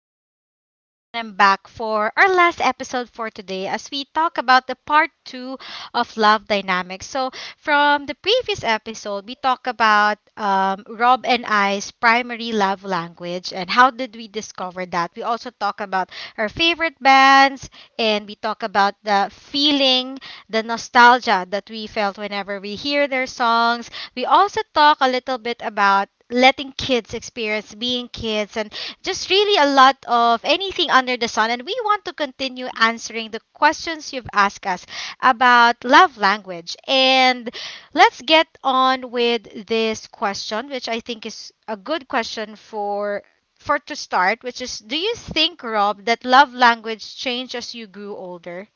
your host, Des, and I'm back for our last episode for today as we talk about the part two of love dynamics. So, from the previous episode, we talk about Rob and I's primary love language and how did we discover that. We also talk about our favorite bands and we talk about the feeling, the nostalgia that we felt whenever we hear their songs. We also talk a little bit about letting kids experience being kids and just really a lot of anything under the sun, and we want to continue answering the questions you've asked us about love language. And let's get on with this question, which I think is a good question for to start, which is: do you think, Rob, that love language changed as you grew older?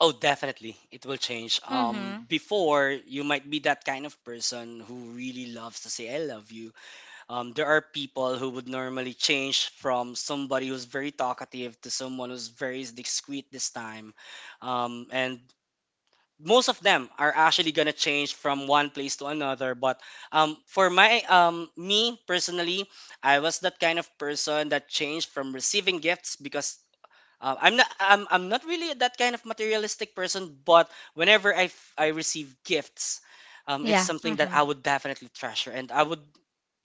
Oh, definitely. It will change. Um, Mhm. before, you might be that kind of person who really loves to say, I love you. There are people who would normally change from somebody who's very talkative to someone who's very discreet this time. And most of them are actually going to change from one place to another. But for me personally, I was that kind of person that changed from receiving gifts because I'm not really that kind of materialistic person, but whenever I receive gifts, it's Yeah. something that I Mhm. would definitely treasure, and I would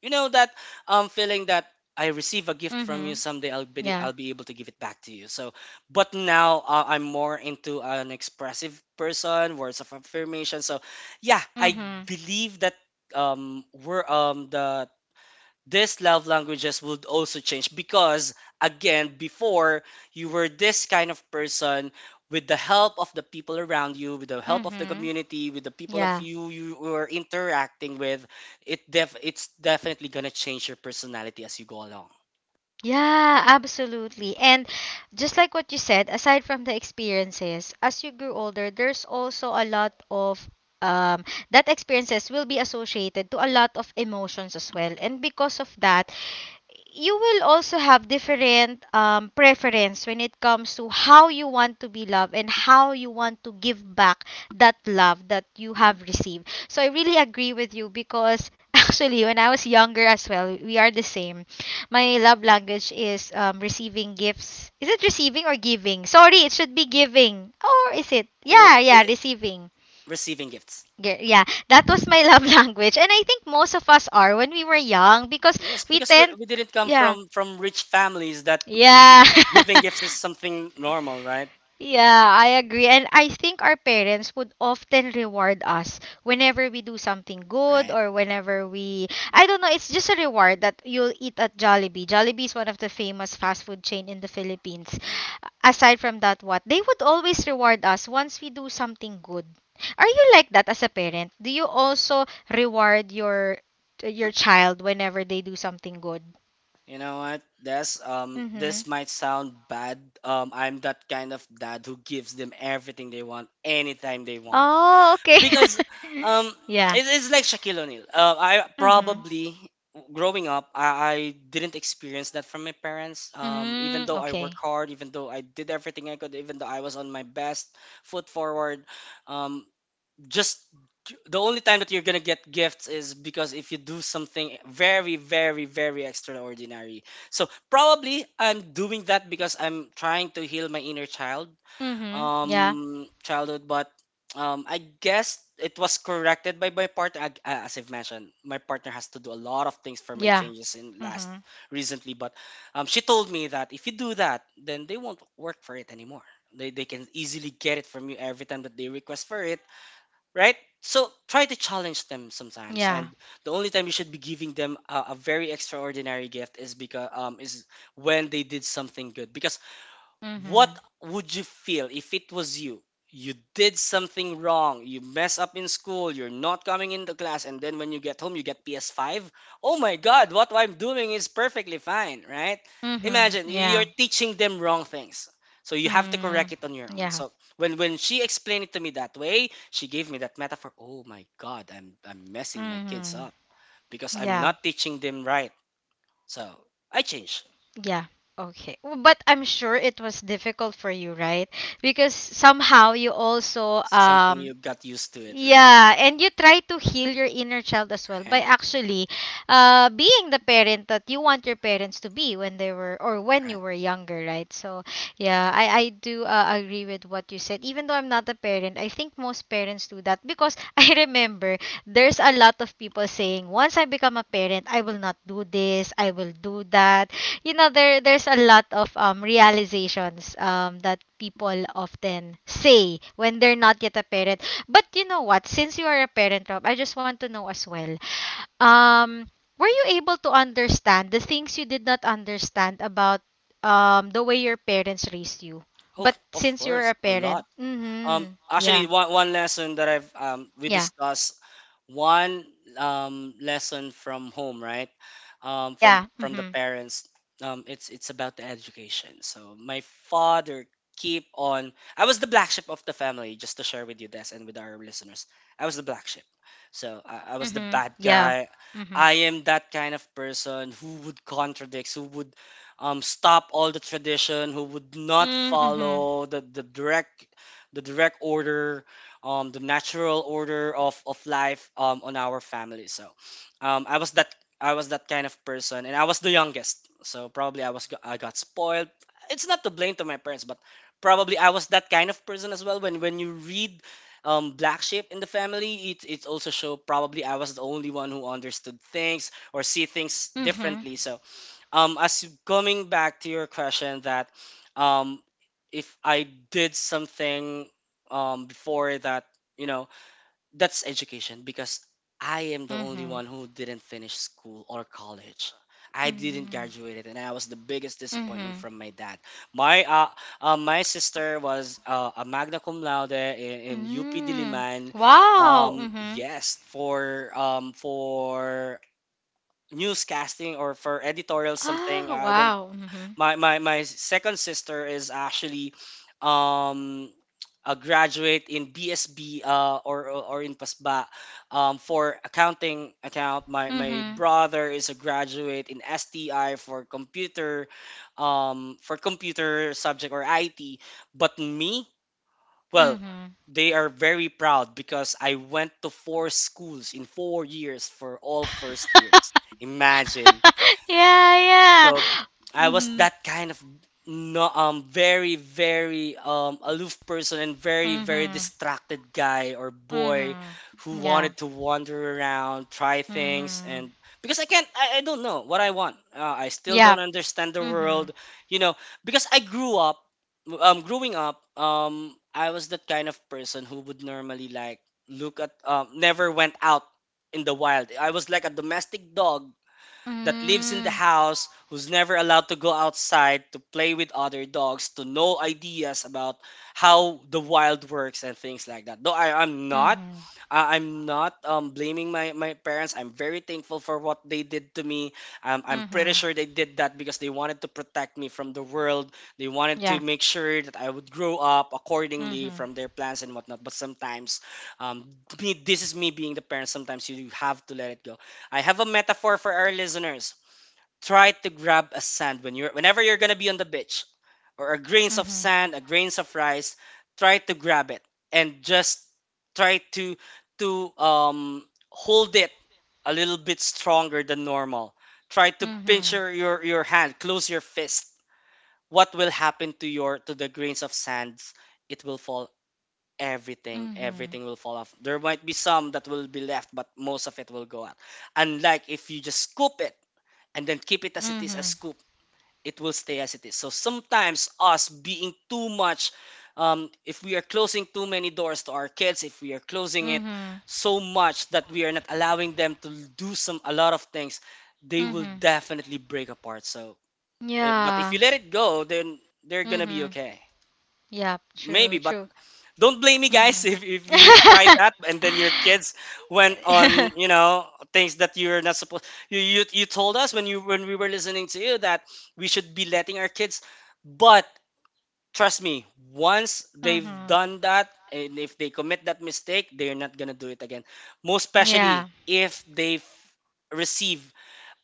you know that feeling that I receive a gift from you. Mhm. Someday Yeah. I'll be able to give it back to you. So, but now I'm more into an expressive person, words of affirmation. So, yeah, I Mhm. believe that we're these love languages would also change because again before you were this kind of person, with the help of the people around you, with the help of the Mhm. community, with the people of Yeah. you you were interacting with. It's definitely going to change your personality as you go along. Yeah, absolutely. And just like what you said, aside from the experiences, as you grew older, there's also a lot of um that experiences will be associated to a lot of emotions as well. And because of that, you will also have different preference when it comes to Right. how you want to be loved and how you want to give back that love that you have received. So I really agree with you, because actually, when I was younger as well, we are the same. My love language is receiving gifts. Is it receiving or giving? Sorry, it should be giving. Or is it? oh Yeah, yeah, eh, receiving. receiving gifts. Yeah, that was my love language. And I think most of us are when we were young because Yes, we because tend. we didn't come Yeah, from rich families that yeah. giving gifts is something normal, right? Yeah, I agree. And I think our parents would often reward us whenever we do something good, Right. or whenever we, I don't know, it's just a reward that you'll eat at Jollibee. Jollibee is one of the famous fast food chain in the Philippines. Right. Aside from that, what? They would always reward us once we do something good. Are you like that as a parent? Do you also reward your child whenever they do something good? You know what? Mhm. This might sound bad. Um, I'm that kind of dad who gives them everything they want anytime they want. Oh, okay. Because um Yeah. It's like Shaquille O'Neal. I Mm-hmm. probably growing up I didn't experience that from my parents. Um, even Mm, though I okay. work hard, even though I did everything I could, even though I was on my best foot forward, um just the only time that you're gonna get gifts is because if you do something very, very, very extraordinary. So probably I'm doing that because I'm trying to heal my inner child, Mhm. Yeah. Childhood. But I guess it was corrected by my partner. As I've mentioned, my partner has to do a lot of things for my Yeah. changes in last Mhm. recently. But she told me that if you do that, then they won't work for it anymore. They can easily get it from you every time that they request for it, right? So try to challenge them sometimes, Yeah. and the only time you should be giving them a very extraordinary gift is because is when they did something good. Because what Mhm. would you feel if it was you? You did something wrong. You mess up in school. You're not coming into class, and then when you get home, you get PS5. Oh my God! What I'm doing is perfectly fine, right? Mhm. Imagine you're Yeah. teaching them wrong things, so you have to Mm, correct it on your own. yeah. So when she explained it to me that way, she gave me that metaphor. Oh my God! I'm messing my kids Mhm. up because I'm Yeah. not teaching them right. So I changed. Yeah. Okay. But I'm sure it was difficult for you, right? Because somehow you also Something you got used to it, right? yeah, and you try to heal your inner child as well by Right. actually being the parent that you want your parents to be when they were, or when you Right. were younger, right? So yeah, I do agree with what you said. Even though I'm not a parent, I think most parents do that because I remember there's a lot of people saying once I become a parent, I will not do this, I will do that. You know, there's a lot of realizations that people often say when they're not yet a parent. But you know what? Since you are a parent, Rob, I just want to know as well. Um, were you able to understand the things you did not understand about the way your parents raised you? But Of since you're course, a a lot. parent, mm-hmm, yeah, Actually, one lesson that I've we yeah, discussed one lesson from home, right? From yeah, the mm-hmm. parents. It's about the education. So my father keep on. I was the black sheep of the family. Just to share with you this and with our listeners, I was the black sheep. So I was the Mm-hmm. bad Yeah. guy. Mm-hmm. I am that kind of person who would contradict, who would stop all the tradition, who would not Mm-hmm. follow the direct order, the natural order of life on our family. So um, I was that I was that kind of person, and I was the youngest. So probably I got spoiled. It's not to blame to my parents, but probably I was that kind of person as well. When you read black sheep in the family, it also show probably I was the only one who understood things or see things Mm-hmm. differently. So as coming back to your question that um if I did something before that, you know, that's education because I am the only Mm-hmm. one who didn't finish school or college. I didn't Mm-hmm. graduate, and I was the biggest disappointment Mm-hmm. from my dad. My my sister was a magna cum laude in UP Mm-hmm. Diliman, Wow. Mm-hmm. yes for newscasting or for editorial something, Oh, I don't. wow. Mm-hmm. My my second sister is actually um a graduate in BSB or in PASBA, for accounting account. My Mm-hmm. brother is a graduate in STI for computer, for computer subject or IT. But me, well, Mm-hmm. they are very proud because I went to four schools in 4 years for all first years. Imagine. Yeah, yeah. So I was Mm-hmm. that kind of no very very aloof person and very very Mm-hmm. distracted guy or boy, who Mm-hmm. Yeah. wanted to wander around, try things. And Mhm. because I can't I don't know what I want. I still Yeah. don't understand the Mhm. world, you know, because I grew up growing up I was that kind of person who would normally like look at never went out in the wild. I was like a domestic dog that lives in the Mm. house, who's never allowed to go outside to play with other dogs, to know ideas about how the wild works and things like that. Though I'm not, Mhm. I'm not blaming my parents. I'm very thankful for what they did to me. I'm pretty Mhm. sure they did that because they wanted to protect me from the world. They wanted Yeah. to make sure that I would grow up accordingly Mhm. from their plans and whatnot. But sometimes, um, me, this is me being the parent. Sometimes you have to let it go. I have a metaphor for our listeners. Try to grab a sand when you're whenever you're gonna be on the beach, or a grains of Mhm. sand, a grains of rice. Try to grab it and just try to to um, hold it a little bit stronger than normal. Try to pinch Mhm. Your hand, close your fist. What will happen to your to the grains of sands? It will fall. Mhm. Everything will fall off. There might be some that will be left, but most of it will go out, unlike if you just scoop it and then keep it as it is. A Mhm. scoop, it will stay as it is. So sometimes us being too much, if we are closing too many doors to our kids, if we are closing it Mhm. so much that we are not allowing them to do some a lot of things, they will Mhm. definitely break apart. So but if Yeah. you let it go, then they're gonna be Mhm. okay. Yeah. True. Maybe. But True. don't blame me, guys, Mhm. If you try Mhm. that and then your kids went on, you know, things that you're not supposed. You told us when you when we were listening to you that we should be letting our kids, but trust me, once they've done that and if they commit that mistake, they're not gonna do it again. Most especially Yeah. if they've receive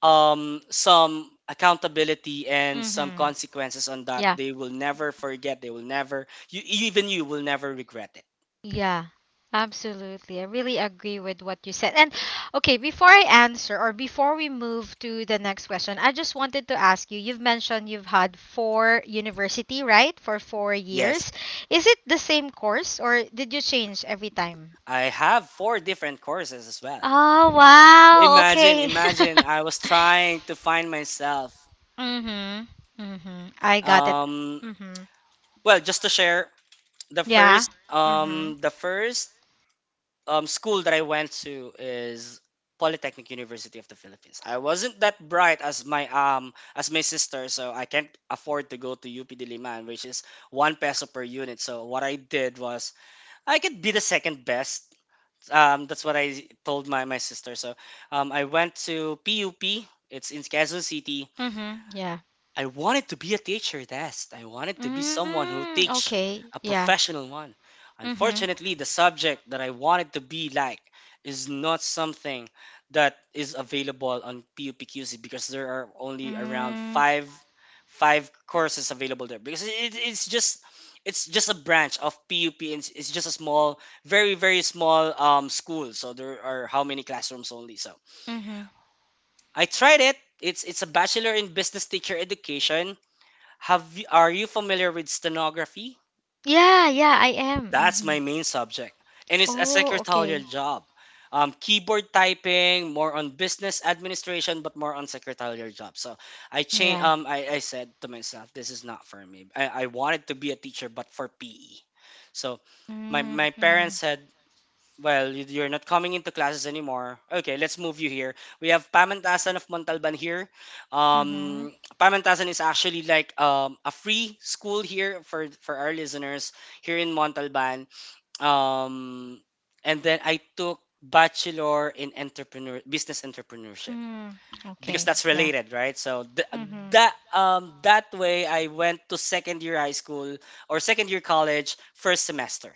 some accountability and some Mhm. consequences on that, Yeah. they will never forget, they will never you, even you will never regret it. Yeah, absolutely. I really agree with what you said. And okay, before I answer, or before we move to the next question, I just wanted to ask you've mentioned you've had four university, right? For four Yes, years. Is it the same course or did you change every time? I have four different courses as well. Oh, wow. Okay. Imagine I was trying to find myself. Mm-hmm. Mm-hmm. I got it. Um, Mm-hmm. well, just to share, Yeah. Mm-hmm. The first school that I went to is Polytechnic University of the Philippines. I wasn't that bright as my sister, so I can't afford to go to UP Diliman, which is one peso per unit. So what I did was I could be the second best, that's what I told my sister. So I went to PUP. It's in Quezon City. Mm-hmm. Yeah. I wanted to be a teacher, that's. I wanted to be Mm, someone who teach okay. a Yeah. professional one. Mm-hmm. Unfortunately, the subject that I wanted to be like is not something that is available on PUPQC because there are only around five courses available there because it's just a branch of PUP and it's just a small very very small school, so there are how many classrooms only. So Mm-hmm. I tried it. It's a bachelor in business teacher education. Are you familiar with stenography? Yeah, yeah, I am. That's Mhm. my main subject, and it's a Oh, secretarial okay. job. Keyboard typing, more on business administration, but more on secretarial job. So Yeah. I said to myself, this is not for me. I wanted to be a teacher, but for PE. So Mm, my parents mhm, said, well, you're not coming into classes anymore. Okay, let's move you here. We have Pamantasan of Montalban here. mhm, Um, Pamantasan is actually like a free school here for our listeners here in Montalban. Um, and then I took bachelor in entrepreneur business entrepreneurship mm, because okay. that's Yeah. related, right? Mhm, That way I went to second year high school or second year college first semester,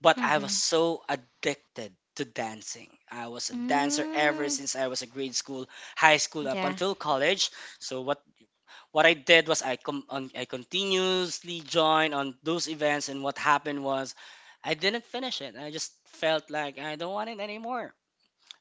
but I was mhm, so addicted to dancing. I was a dancer mm, ever since I was a grade school, high school up yeah. until college. So what I did was I continuously joined on those events, and what happened was I didn't finish it. I just felt like I don't want it anymore.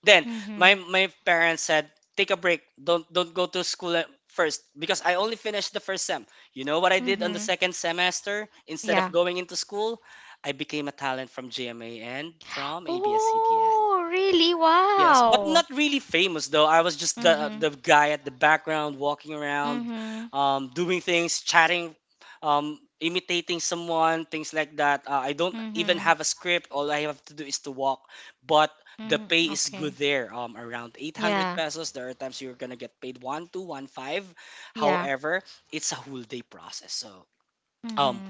Then my Mhm, my parents said, "Take a break. Don't go to school at first," because I only finished the first sem. You know what I did on the mhm, second semester? Instead of yeah. going into school, I became a talent from GMA and from ABS-CBN. Oh, really? Yes, but not Wow. really famous though. I was just the Mhm, guy at the background walking around, mhm, doing things, chatting, imitating someone, things like that. I don't even mhm, have a script. All I have to do is to walk. But the mhm, pay is okay. good there. Around 800 Yeah, pesos. There are times you're gonna get paid one, two, one, five. yeah. However, it's a whole day process. So. Um, Mhm,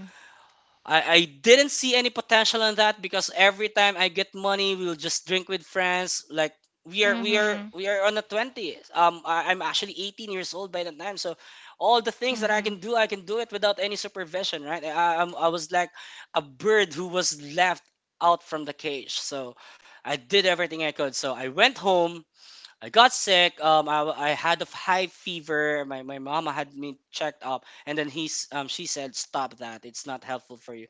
I didn't see any potential in that, because every time I get money, we'll just drink with friends. Like we are we are mhm, we are on the 20s. I'm actually 18 years old by that time, so all the things that mhm, I can do it without any supervision, right? I was like a bird who was left out from the cage. So I did everything I could. So I went home, I got sick. I had a high fever. My mama had me checked up, and then he's she said stop that. It's not helpful for you.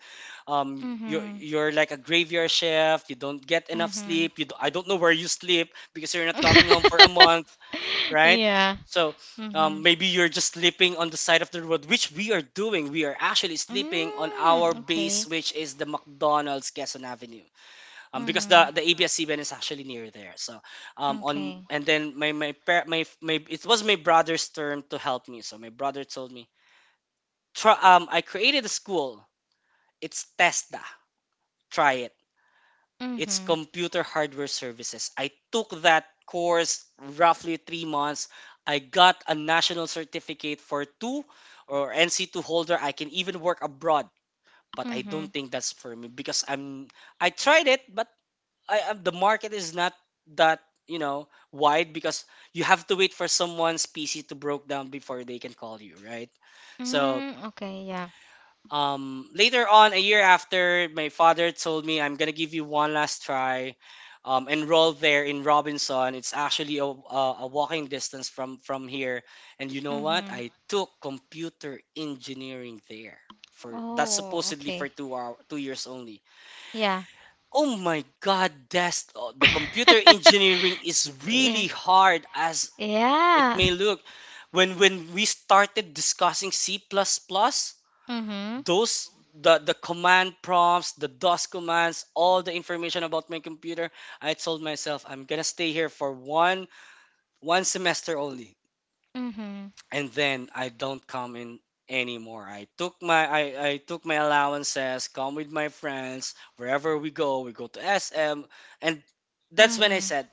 Um, you're mhm, you're like a graveyard shift. You don't get enough mhm. sleep. You do, I don't know where you sleep, because you're not coming home for a month, right? Yeah. So, Mhm. Maybe you're just sleeping on the side of the road, which we are doing. We are actually sleeping on Mm, our okay. base, which is the McDonald's Quezon Avenue, because Mhm. the ABS-CBN is actually near there. So on Okay. and then my, par- my it was my brother's turn to help me. So my brother told me, try, I created a school. It's TESDA. Try it. It's Mm-hmm. computer hardware services. I took that course roughly 3 months. I got a national certificate for two, or NC2 holder. I can even work abroad. But I don't Mm-hmm. think that's for me, because I'm I tried it, but I the market is not that, you know, wide, because you have to wait for someone's PC to broke down before they can call you, right? So Mm, okay, yeah. Later on, a year after, my father told me I'm gonna give you one last try. Enroll there in Robinson. It's actually a, walking distance from here. And you know what? Mm-hmm. I took computer engineering there for that's Oh, supposedly okay. for two hour 2 years only. Yeah. Oh my god, that's oh, the computer engineering is Yeah. really hard as it Yeah. may look. When we started discussing C++, plus plus, Mm-hmm. those the command prompts, the DOS commands, all the information about my computer, I told myself I'm going to stay here for one semester only, Mm-hmm. and then I don't come in anymore. I took I took my allowances, come with my friends, wherever we go to SM. And that's when Mm-hmm. I said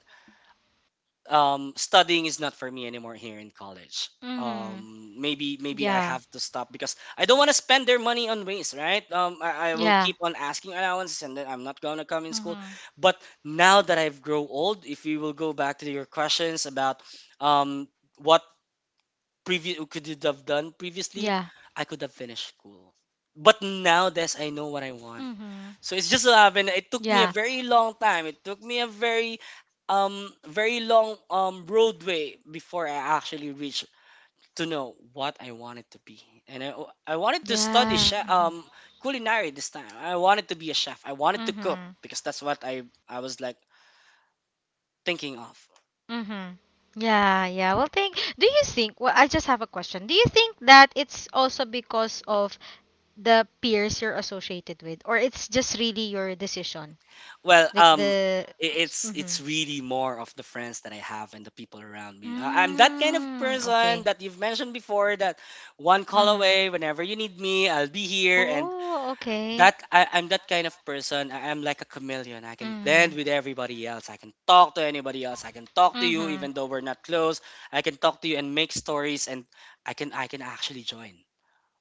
studying is not for me anymore here in college. Mm-hmm. Maybe I Yeah. have to stop, because I don't want to spend their money on waste, right? I will Yeah. keep on asking allowances, and then I'm not gonna come in school. Mm-hmm. But now that I've grown old, if you will go back to your questions about um, what Yeah. previously, I could have finished school. But now this I know what I want. Mm-hmm. So it's just so happened, it took me a Yeah. very long time. It took me a very long roadway before I actually reached to know what I wanted to be. And I, I wanted to study Yeah. chef, culinary this time. I wanted to be a chef. I wanted to cook, Mm-hmm. because that's what I was like thinking of. Mm-hmm. Yeah, yeah. Well, do you think, well, I just have a question. Do you think that it's also because of the peers you're associated with, or it's just really your decision? Well, Like the. It's Mhm. really more of the friends that I have and the people around me. I'm that kind of Mm, person okay. that you've mentioned before, that one call Mhm. away whenever you need me, I'll be here. And Oh, okay. that I'm that kind of person. I'm like a chameleon. I can blend Mhm. with everybody else. I can talk to anybody else. I can talk to you even Mhm. though we're not close. I can talk to you and make stories, and I can actually join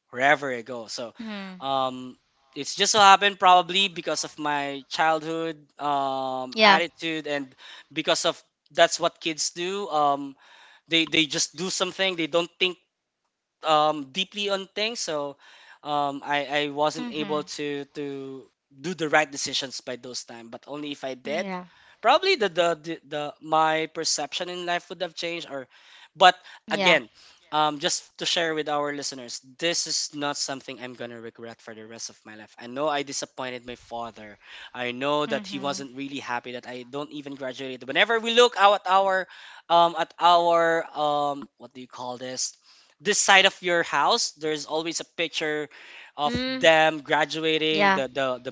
wherever I go. So, Mhm. um, it's just so happened, probably because of my childhood Yeah. attitude, and because of that's what kids do. They just do something. They don't think deeply on things, so I wasn't able Mhm. to do the right decisions by those time. But only if I did, Yeah. probably the my perception in life would have changed. Or, but Yeah. again, just to share with our listeners, this is not something I'm gonna regret for the rest of my life. I know I disappointed my father. I know that he Mhm. wasn't really happy that I don't even graduated. Whenever we look out at our what do you call this, this side of your house, there's always a picture of Mm, them graduating, yeah. the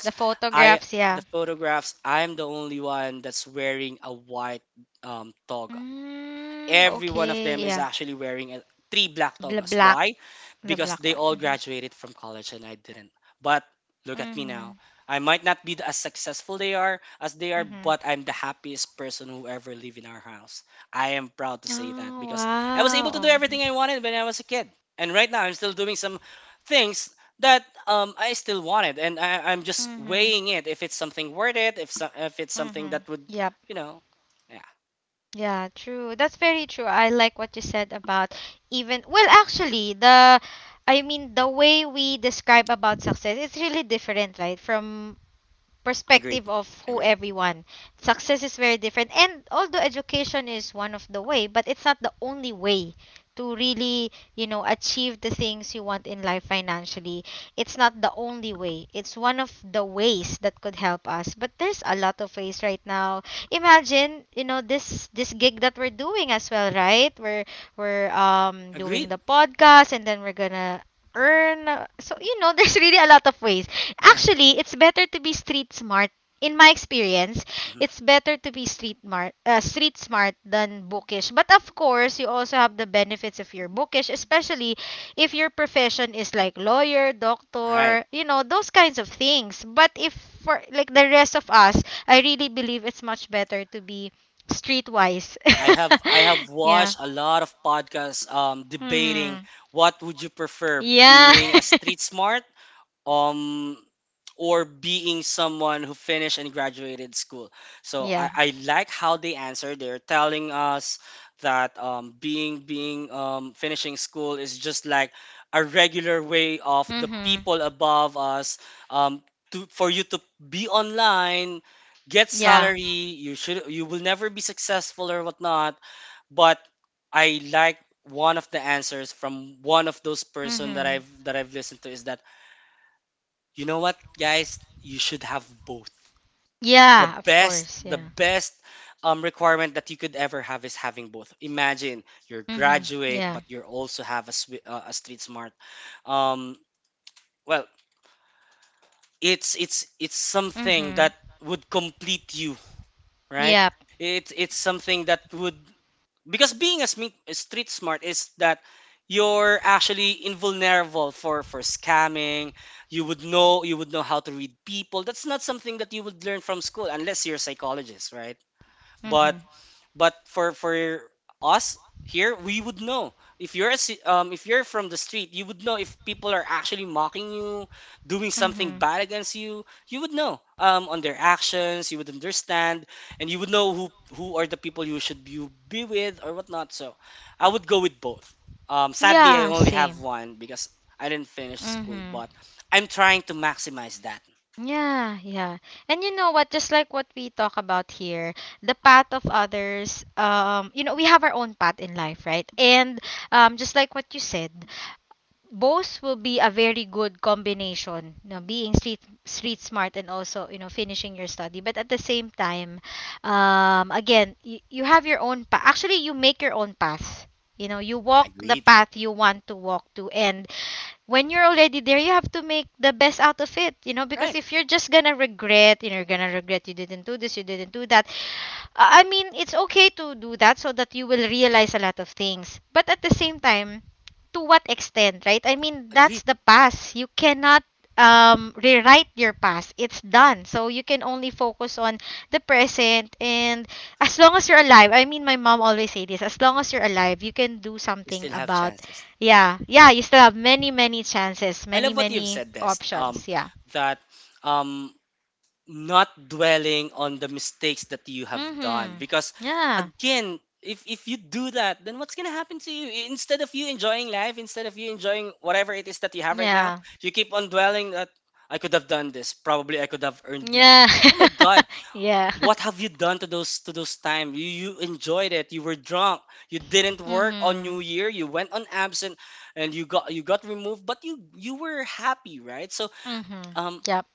The I photographs, yeah. the photographs, I'm the only one that's wearing a white toga. Mm, Every one of okay, them yeah. is actually wearing a, three black The togas. black, Why? the Because black they one. all Mhm. graduated from college and I didn't. But look at me Mhm. now. I might not be as they are, Mhm. but I'm the happiest person who ever live in our house. I am proud to say that Oh, because I was able to do wow. Mhm. everything I wanted when I was a kid, and right now I'm still doing some things that I still wanted, and I'm just Mhm. weighing it if it's something worth it, if so, if it's something Mhm. that would, Yep. you know, yeah, Yeah, true. That's very true. I like what you said about, even, well, actually, the, I mean, the way we describe about success, it's really different, right, from agreed, perspective of who agreed. everyone. Success is very different. And although education is one of the way, but it's not the only way to really, you know, achieve the things you want in life financially. It's not the only way. It's one of the ways that could help us. But there's a lot of ways right now. Imagine, you know, this gig that we're doing as well, right? We're doing Agreed. the podcast and then we're gonna earn. So, you know, there's really a lot of ways. Right. Actually, it's better to be street smart. In my experience, Mhm. it's better to be street smart than bookish. But of course, you also have the benefits if you're bookish, especially if your profession is like lawyer, Right. doctor, you know, those kinds of things. But if for like the rest of us, I really believe it's much better to be streetwise. I have Yeah. watched a lot of podcasts debating Hmm. what would you prefer, Yeah. being a street smart um or being someone who finished and graduated school. So Yeah. I like how they answer. They're telling us that being being finishing school is just like a regular way of the Hmm. people above us, um, to for you to be online, get Yeah. salary. You will never be successful or whatnot. But I like one of the answers from one of those person that Hmm. I've listened to is that, you know what, guys? You should have both. The Yeah, of best, course. the Yeah. best requirement that you could ever have is having both. Imagine you're Mhm. graduate, Yeah. but you also have a, a street smart. Um, well, it's something Mhm. that would complete you, right? Yep. It's something that would, because being a street smart is that you're actually invulnerable for scamming. You would know, you would know how to read people. That's not something that you would learn from school unless you're a psychologist, right? But Mhm. For us here, we would know. If you're if you're from the street, you would know if people are actually mocking you, doing something Mhm. bad against you. You would know on their actions. You would understand, and you would know who are the people you should you be with or whatnot. So, I would go with both. Sadly, I Yeah, only same. have one because I didn't finish school, Mhm. but I'm trying to maximize that. Yeah, yeah. And you know what, just like what we talk about here, the path of others, we have our own path in life, right? And just like what you said, both will be a very good combination, being street smart, and also finishing your study, but at the same time again, you have your own path. Actually, you make your own path. You walk the Agreed. path you want to walk to. And when you're already there, you have to make the best out of it, because Right. if you're just gonna regret, you're gonna regret you didn't do this, you didn't do that. I mean, it's okay to do that so that you will realize a lot of things. But at the same time, to what extent, right? I mean, that's Agreed. the past. You cannot rewrite your past. It's done. So you can only focus on the present. And as long as you're alive, I mean, my mom always say this, as long as you're alive, you can do You something still have about, chances. yeah, yeah, you still have many, many chances, I many, love what you've many said, Des. Options. Yeah. That um, not dwelling on the mistakes that you have done, Mm-hmm. because Yeah. again, if you do that, then what's gonna happen to you? I- Instead of you enjoying life, instead of you enjoying whatever it is that you have right now, Yeah. you keep on dwelling that I could have done this. Probably I could have earned more. Yeah. Oh my God, Yeah. what have you done to those time? You enjoyed it. You were drunk. You didn't work on Mhm. New Year. You went on absent, and you got removed. But you were happy, right? So Mhm. um, Yep.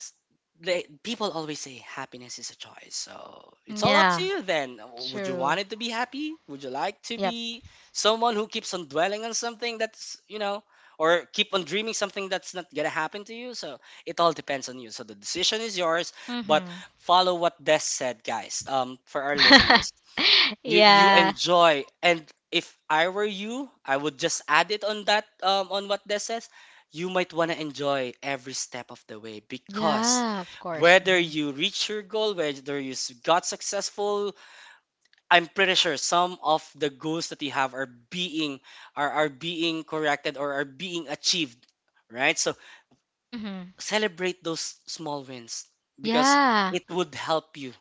s- people always say happiness is a choice. So it's all up to Yeah. you then. Would you True. want it to be happy? Would you like to Yep. be someone who keeps on dwelling on something that's, or keep on dreaming something that's not going to happen to you? So it all depends on you. So the decision is yours, but Mhm. follow what Des said, guys. For our listeners, you Yeah. enjoy, and if I were you, I would just add it on that, on what this says. You might want to enjoy every step of the way, because Yeah. Of course. whether Mhm. you reach your goal, whether you got successful, I'm pretty sure some of the goals that you have are being, are being corrected or are being achieved, right? So Mhm. celebrate those small wins, because Yeah. it would help you,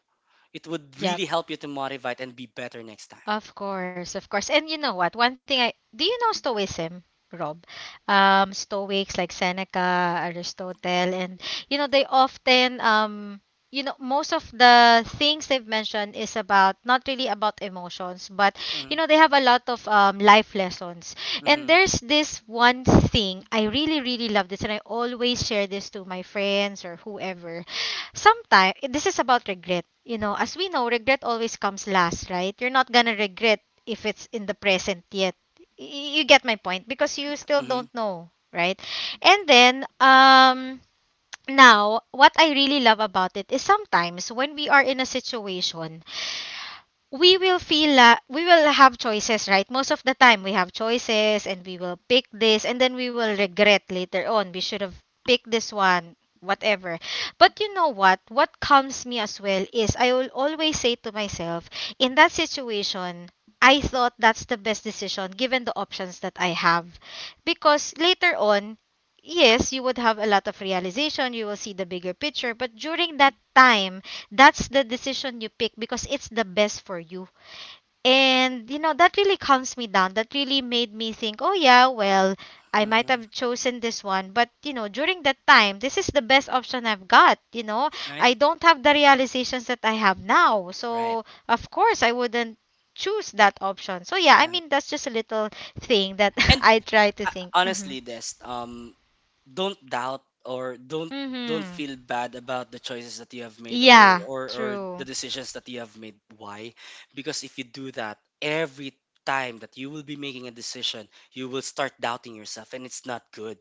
it would really Yep. help you to motivate and be better next Of course, of course. And you know what? One thing I do, you know Stoicism, Rob? Stoics like Seneca, Aristotle, and they often most of the things they've mentioned is about not really about emotions, but time. They have a lot of life lessons. And hmm there's this one thing I really really love this, and I always share this to my friends or whoever. Sometimes this is about regret. As we know, regret always comes last, right? You're not gonna regret if it's in the present yet. You get my point because you Yeah. still Mm-hmm, don't know, right? And then now what I really love about it is: sometimes when we are in a situation, we will we will have choices, right? Most of the time we have choices and we will pick this, and then we will regret later on, we should have picked this one, whatever. But you know what calms me as well is I will always say to myself, in that situation, I thought that's the best decision given the options that I have. Because later on, yes, you would have a lot of realization, you will see the bigger picture, but during that time, that's the decision you pick because it's the best for you. And you know, that really calms me down. That really made me think, oh yeah, well, I might mm-hmm. have chosen this one, but you know, during that time, this is the best option I've got, you know. Right, I don't have the realizations that I have now. right, So, of course, I wouldn't choose that option. So, yeah, I right. mean, that's just a little thing that And I try to think. Mhm. honestly, this, don't doubt or don't Mhm. feel bad about the choices that you have made, or Yeah, or or the true. decisions that you have made. Why? Because if you do that every time that you will be making a decision, you will start doubting yourself, and it's not good.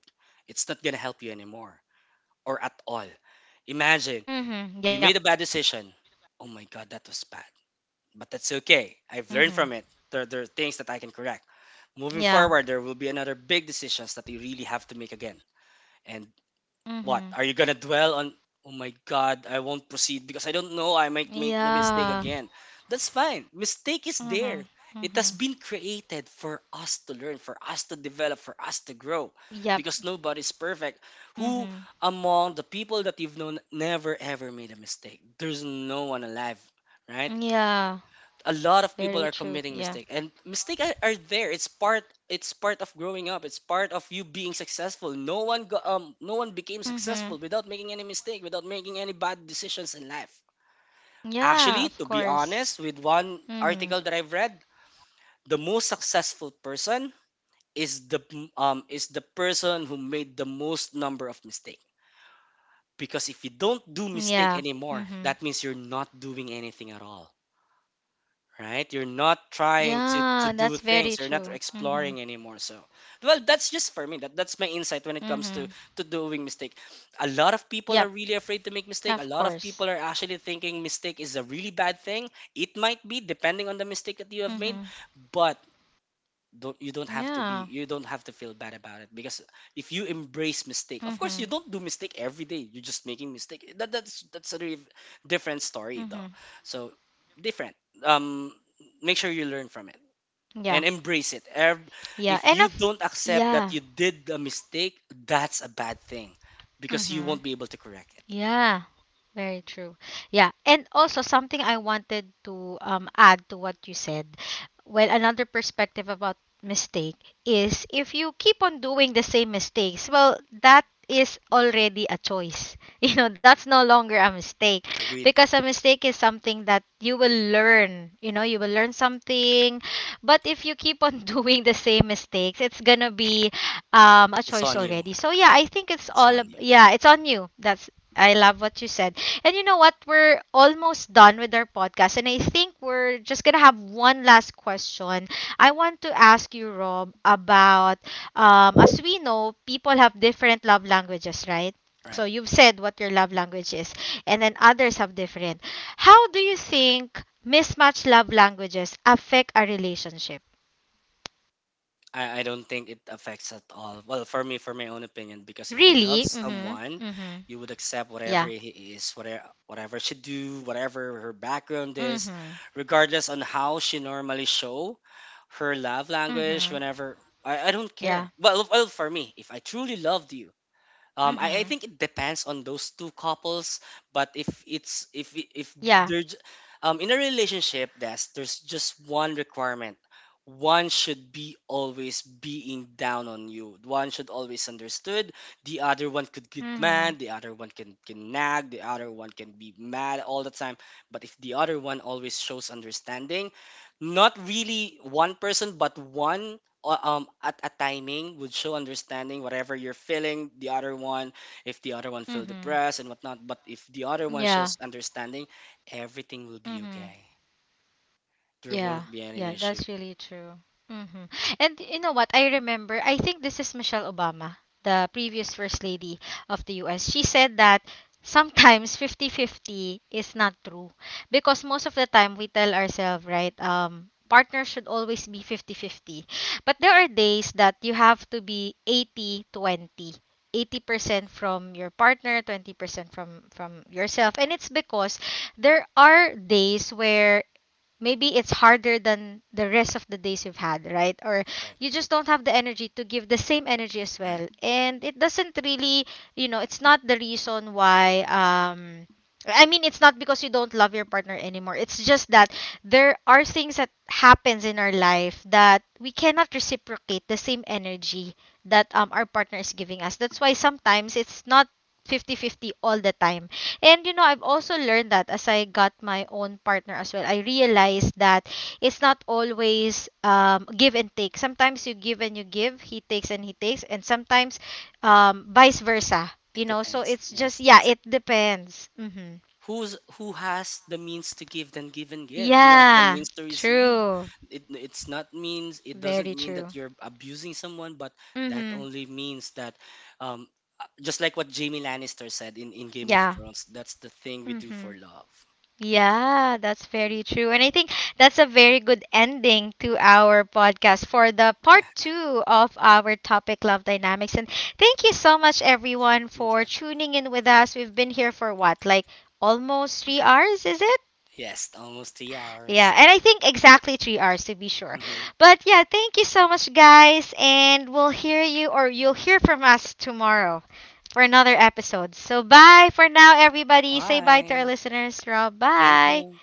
It's not gonna help you anymore or at all. Imagine you made a bad Mhm. Yep. decision. Oh my God, that was bad. But that's okay. Mhm. I've learned from it. There are things that I can correct. Moving Yeah. forward, there will be another big decisions that you really have to make again. And what Mhm. are you gonna dwell on? Oh my God, I won't proceed because I don't know. I might make the mistake Yeah. again. That's fine. Mistake is Mm-hmm. there. It Mm-hmm. has been created for us to learn, for us to develop, for us to grow. Yep. Because nobody's perfect. Mm-hmm. Who among the people that you've known never ever made a mistake? There's no one alive, right? Yeah. A lot Very of people are true. Yeah. committing mistake, and mistake are there. It's part, it's part of growing up, it's part of you being successful. No one Mm-hmm. no one became successful without making any mistake, without making any bad decisions in life. Yeah, of course. Actually, to be Mm-hmm. honest, with one article that I've read, the most successful person is the, is the person who made the most number of mistake, because if you don't do Yeah. mistake Mm-hmm. anymore, that means you're not doing anything at all, right? You're not trying Yeah, to that's to very do true. things. You're not Mm-hmm. exploring anymore. So, well, that's just for me. That's my insight when it Mm-hmm. comes to doing mistake. A lot of Yep, people are really afraid to make of mistake. A lot course. of people are actually thinking mistake is a really bad thing. It might be, depending on the mistake that you Mm-hmm. have made, but don't, you don't Yeah. have to be, you don't have to feel bad about it, because if you embrace Mm-hmm. mistake, of course you don't do mistake every day. You're just making mistake that, that's a different Mm-hmm. story though. So different, um make sure you learn from it Yeah. and embrace it. Yeah. And If you of don't accept Yeah. that you did a mistake, that's a bad thing, because you Mm-hmm. won't be able to correct it. Yeah, very true. Yeah, and also something I wanted to add to what you said. Well, another perspective about mistake is if you keep on doing the same mistakes, well, that is already a choice. That's no longer a mistake Agreed. because a mistake is something that you will learn, you will learn something. But if you keep on doing the same mistakes, it's going to be a It's choice on you, already. So yeah, right? I think it's It's all on you, yeah, it's on you. That's I love what you said. And you know what? We're almost done with our podcast. And I think we're just going to have one last question. I want to ask you, Rob, about as we know, people have different love languages, right? right? So you've said what your love language is, and then others have different. How do you think mismatched love languages affect a relationship? I don't think it affects at all. Well, for me, for my own opinion, because if you love Really? Mm someone, hmm. Mm hmm. you would accept whatever Yeah. he is, whatever she do, whatever her background is, Mm hmm. regardless on how she normally show her love Mm language. hmm. Whenever, I don't care. Well, well, for me, if I truly loved you, Mm I hmm. think it depends on those two couples, but if it's, if Yeah. they're, in a relationship, that's, there's just one requirement. One should be always being down on you. One should always understood. The other one could Mm get hmm. mad. The other one can nag. The other one can be mad all the time. But if the other one always shows understanding, not really one person, but one, at a timing, would show understanding whatever you're feeling, the other one, if the other Mm one feel hmm. depressed and whatnot, but if the other one Yeah. shows understanding, everything will be hmm okay. There Yeah, won't be yeah, any that's issue, really true. hmm And you know what? I remember, I think this is Michelle Obama, the previous First Lady of the US. She said that sometimes fifty-fifty is not true because most of the time we tell ourselves, right? Partners should always be fifty-fifty, but there are days that you have to be 80% from your partner, 20% from yourself. And it's because there are days where maybe it's harder than the rest of the days you've had, right? Or right? you just don't have the energy to give the same energy as Right. well. And it doesn't really, it's not the reason why I mean, it's not because you don't love your partner anymore. It's just that there are things that happens in our life that we cannot reciprocate the same energy that our partner is giving us. That's why sometimes it's not fifty fifty all the time, and I've also learned that as I got my own partner as well, I realized that it's not always give and take. Sometimes you give and you give, he takes, and sometimes vice versa. It So depends, it's just, yes. yeah, It's a, it depends. Mm-hmm. who's, who has the means to give, then give and give, who has the Yeah, means to receive. true, It, it's not means, it very doesn't mean that true. you're abusing someone, but that Mm-hmm. only means that, um just like what Jamie Lannister said in Game of Yeah. Thrones, that's the thing we do Mm-hmm. for love. Yeah, that's Mm. very true. And I think that's a very good ending to our podcast for the part two of our topic, Love Dynamics. And thank you so much, everyone, Thank you. for tuning in with us. We've been here for what, like almost 3 hours, is it? Yes, almost three hours. Yeah, and I think exactly 3 hours to be sure. Mm-hmm. But yeah, thank you so much, guys. And we'll hear you or you'll hear from us tomorrow for another episode. So bye for now, everybody. Say bye to our Bye. listeners, Rob. Thank Bye. you.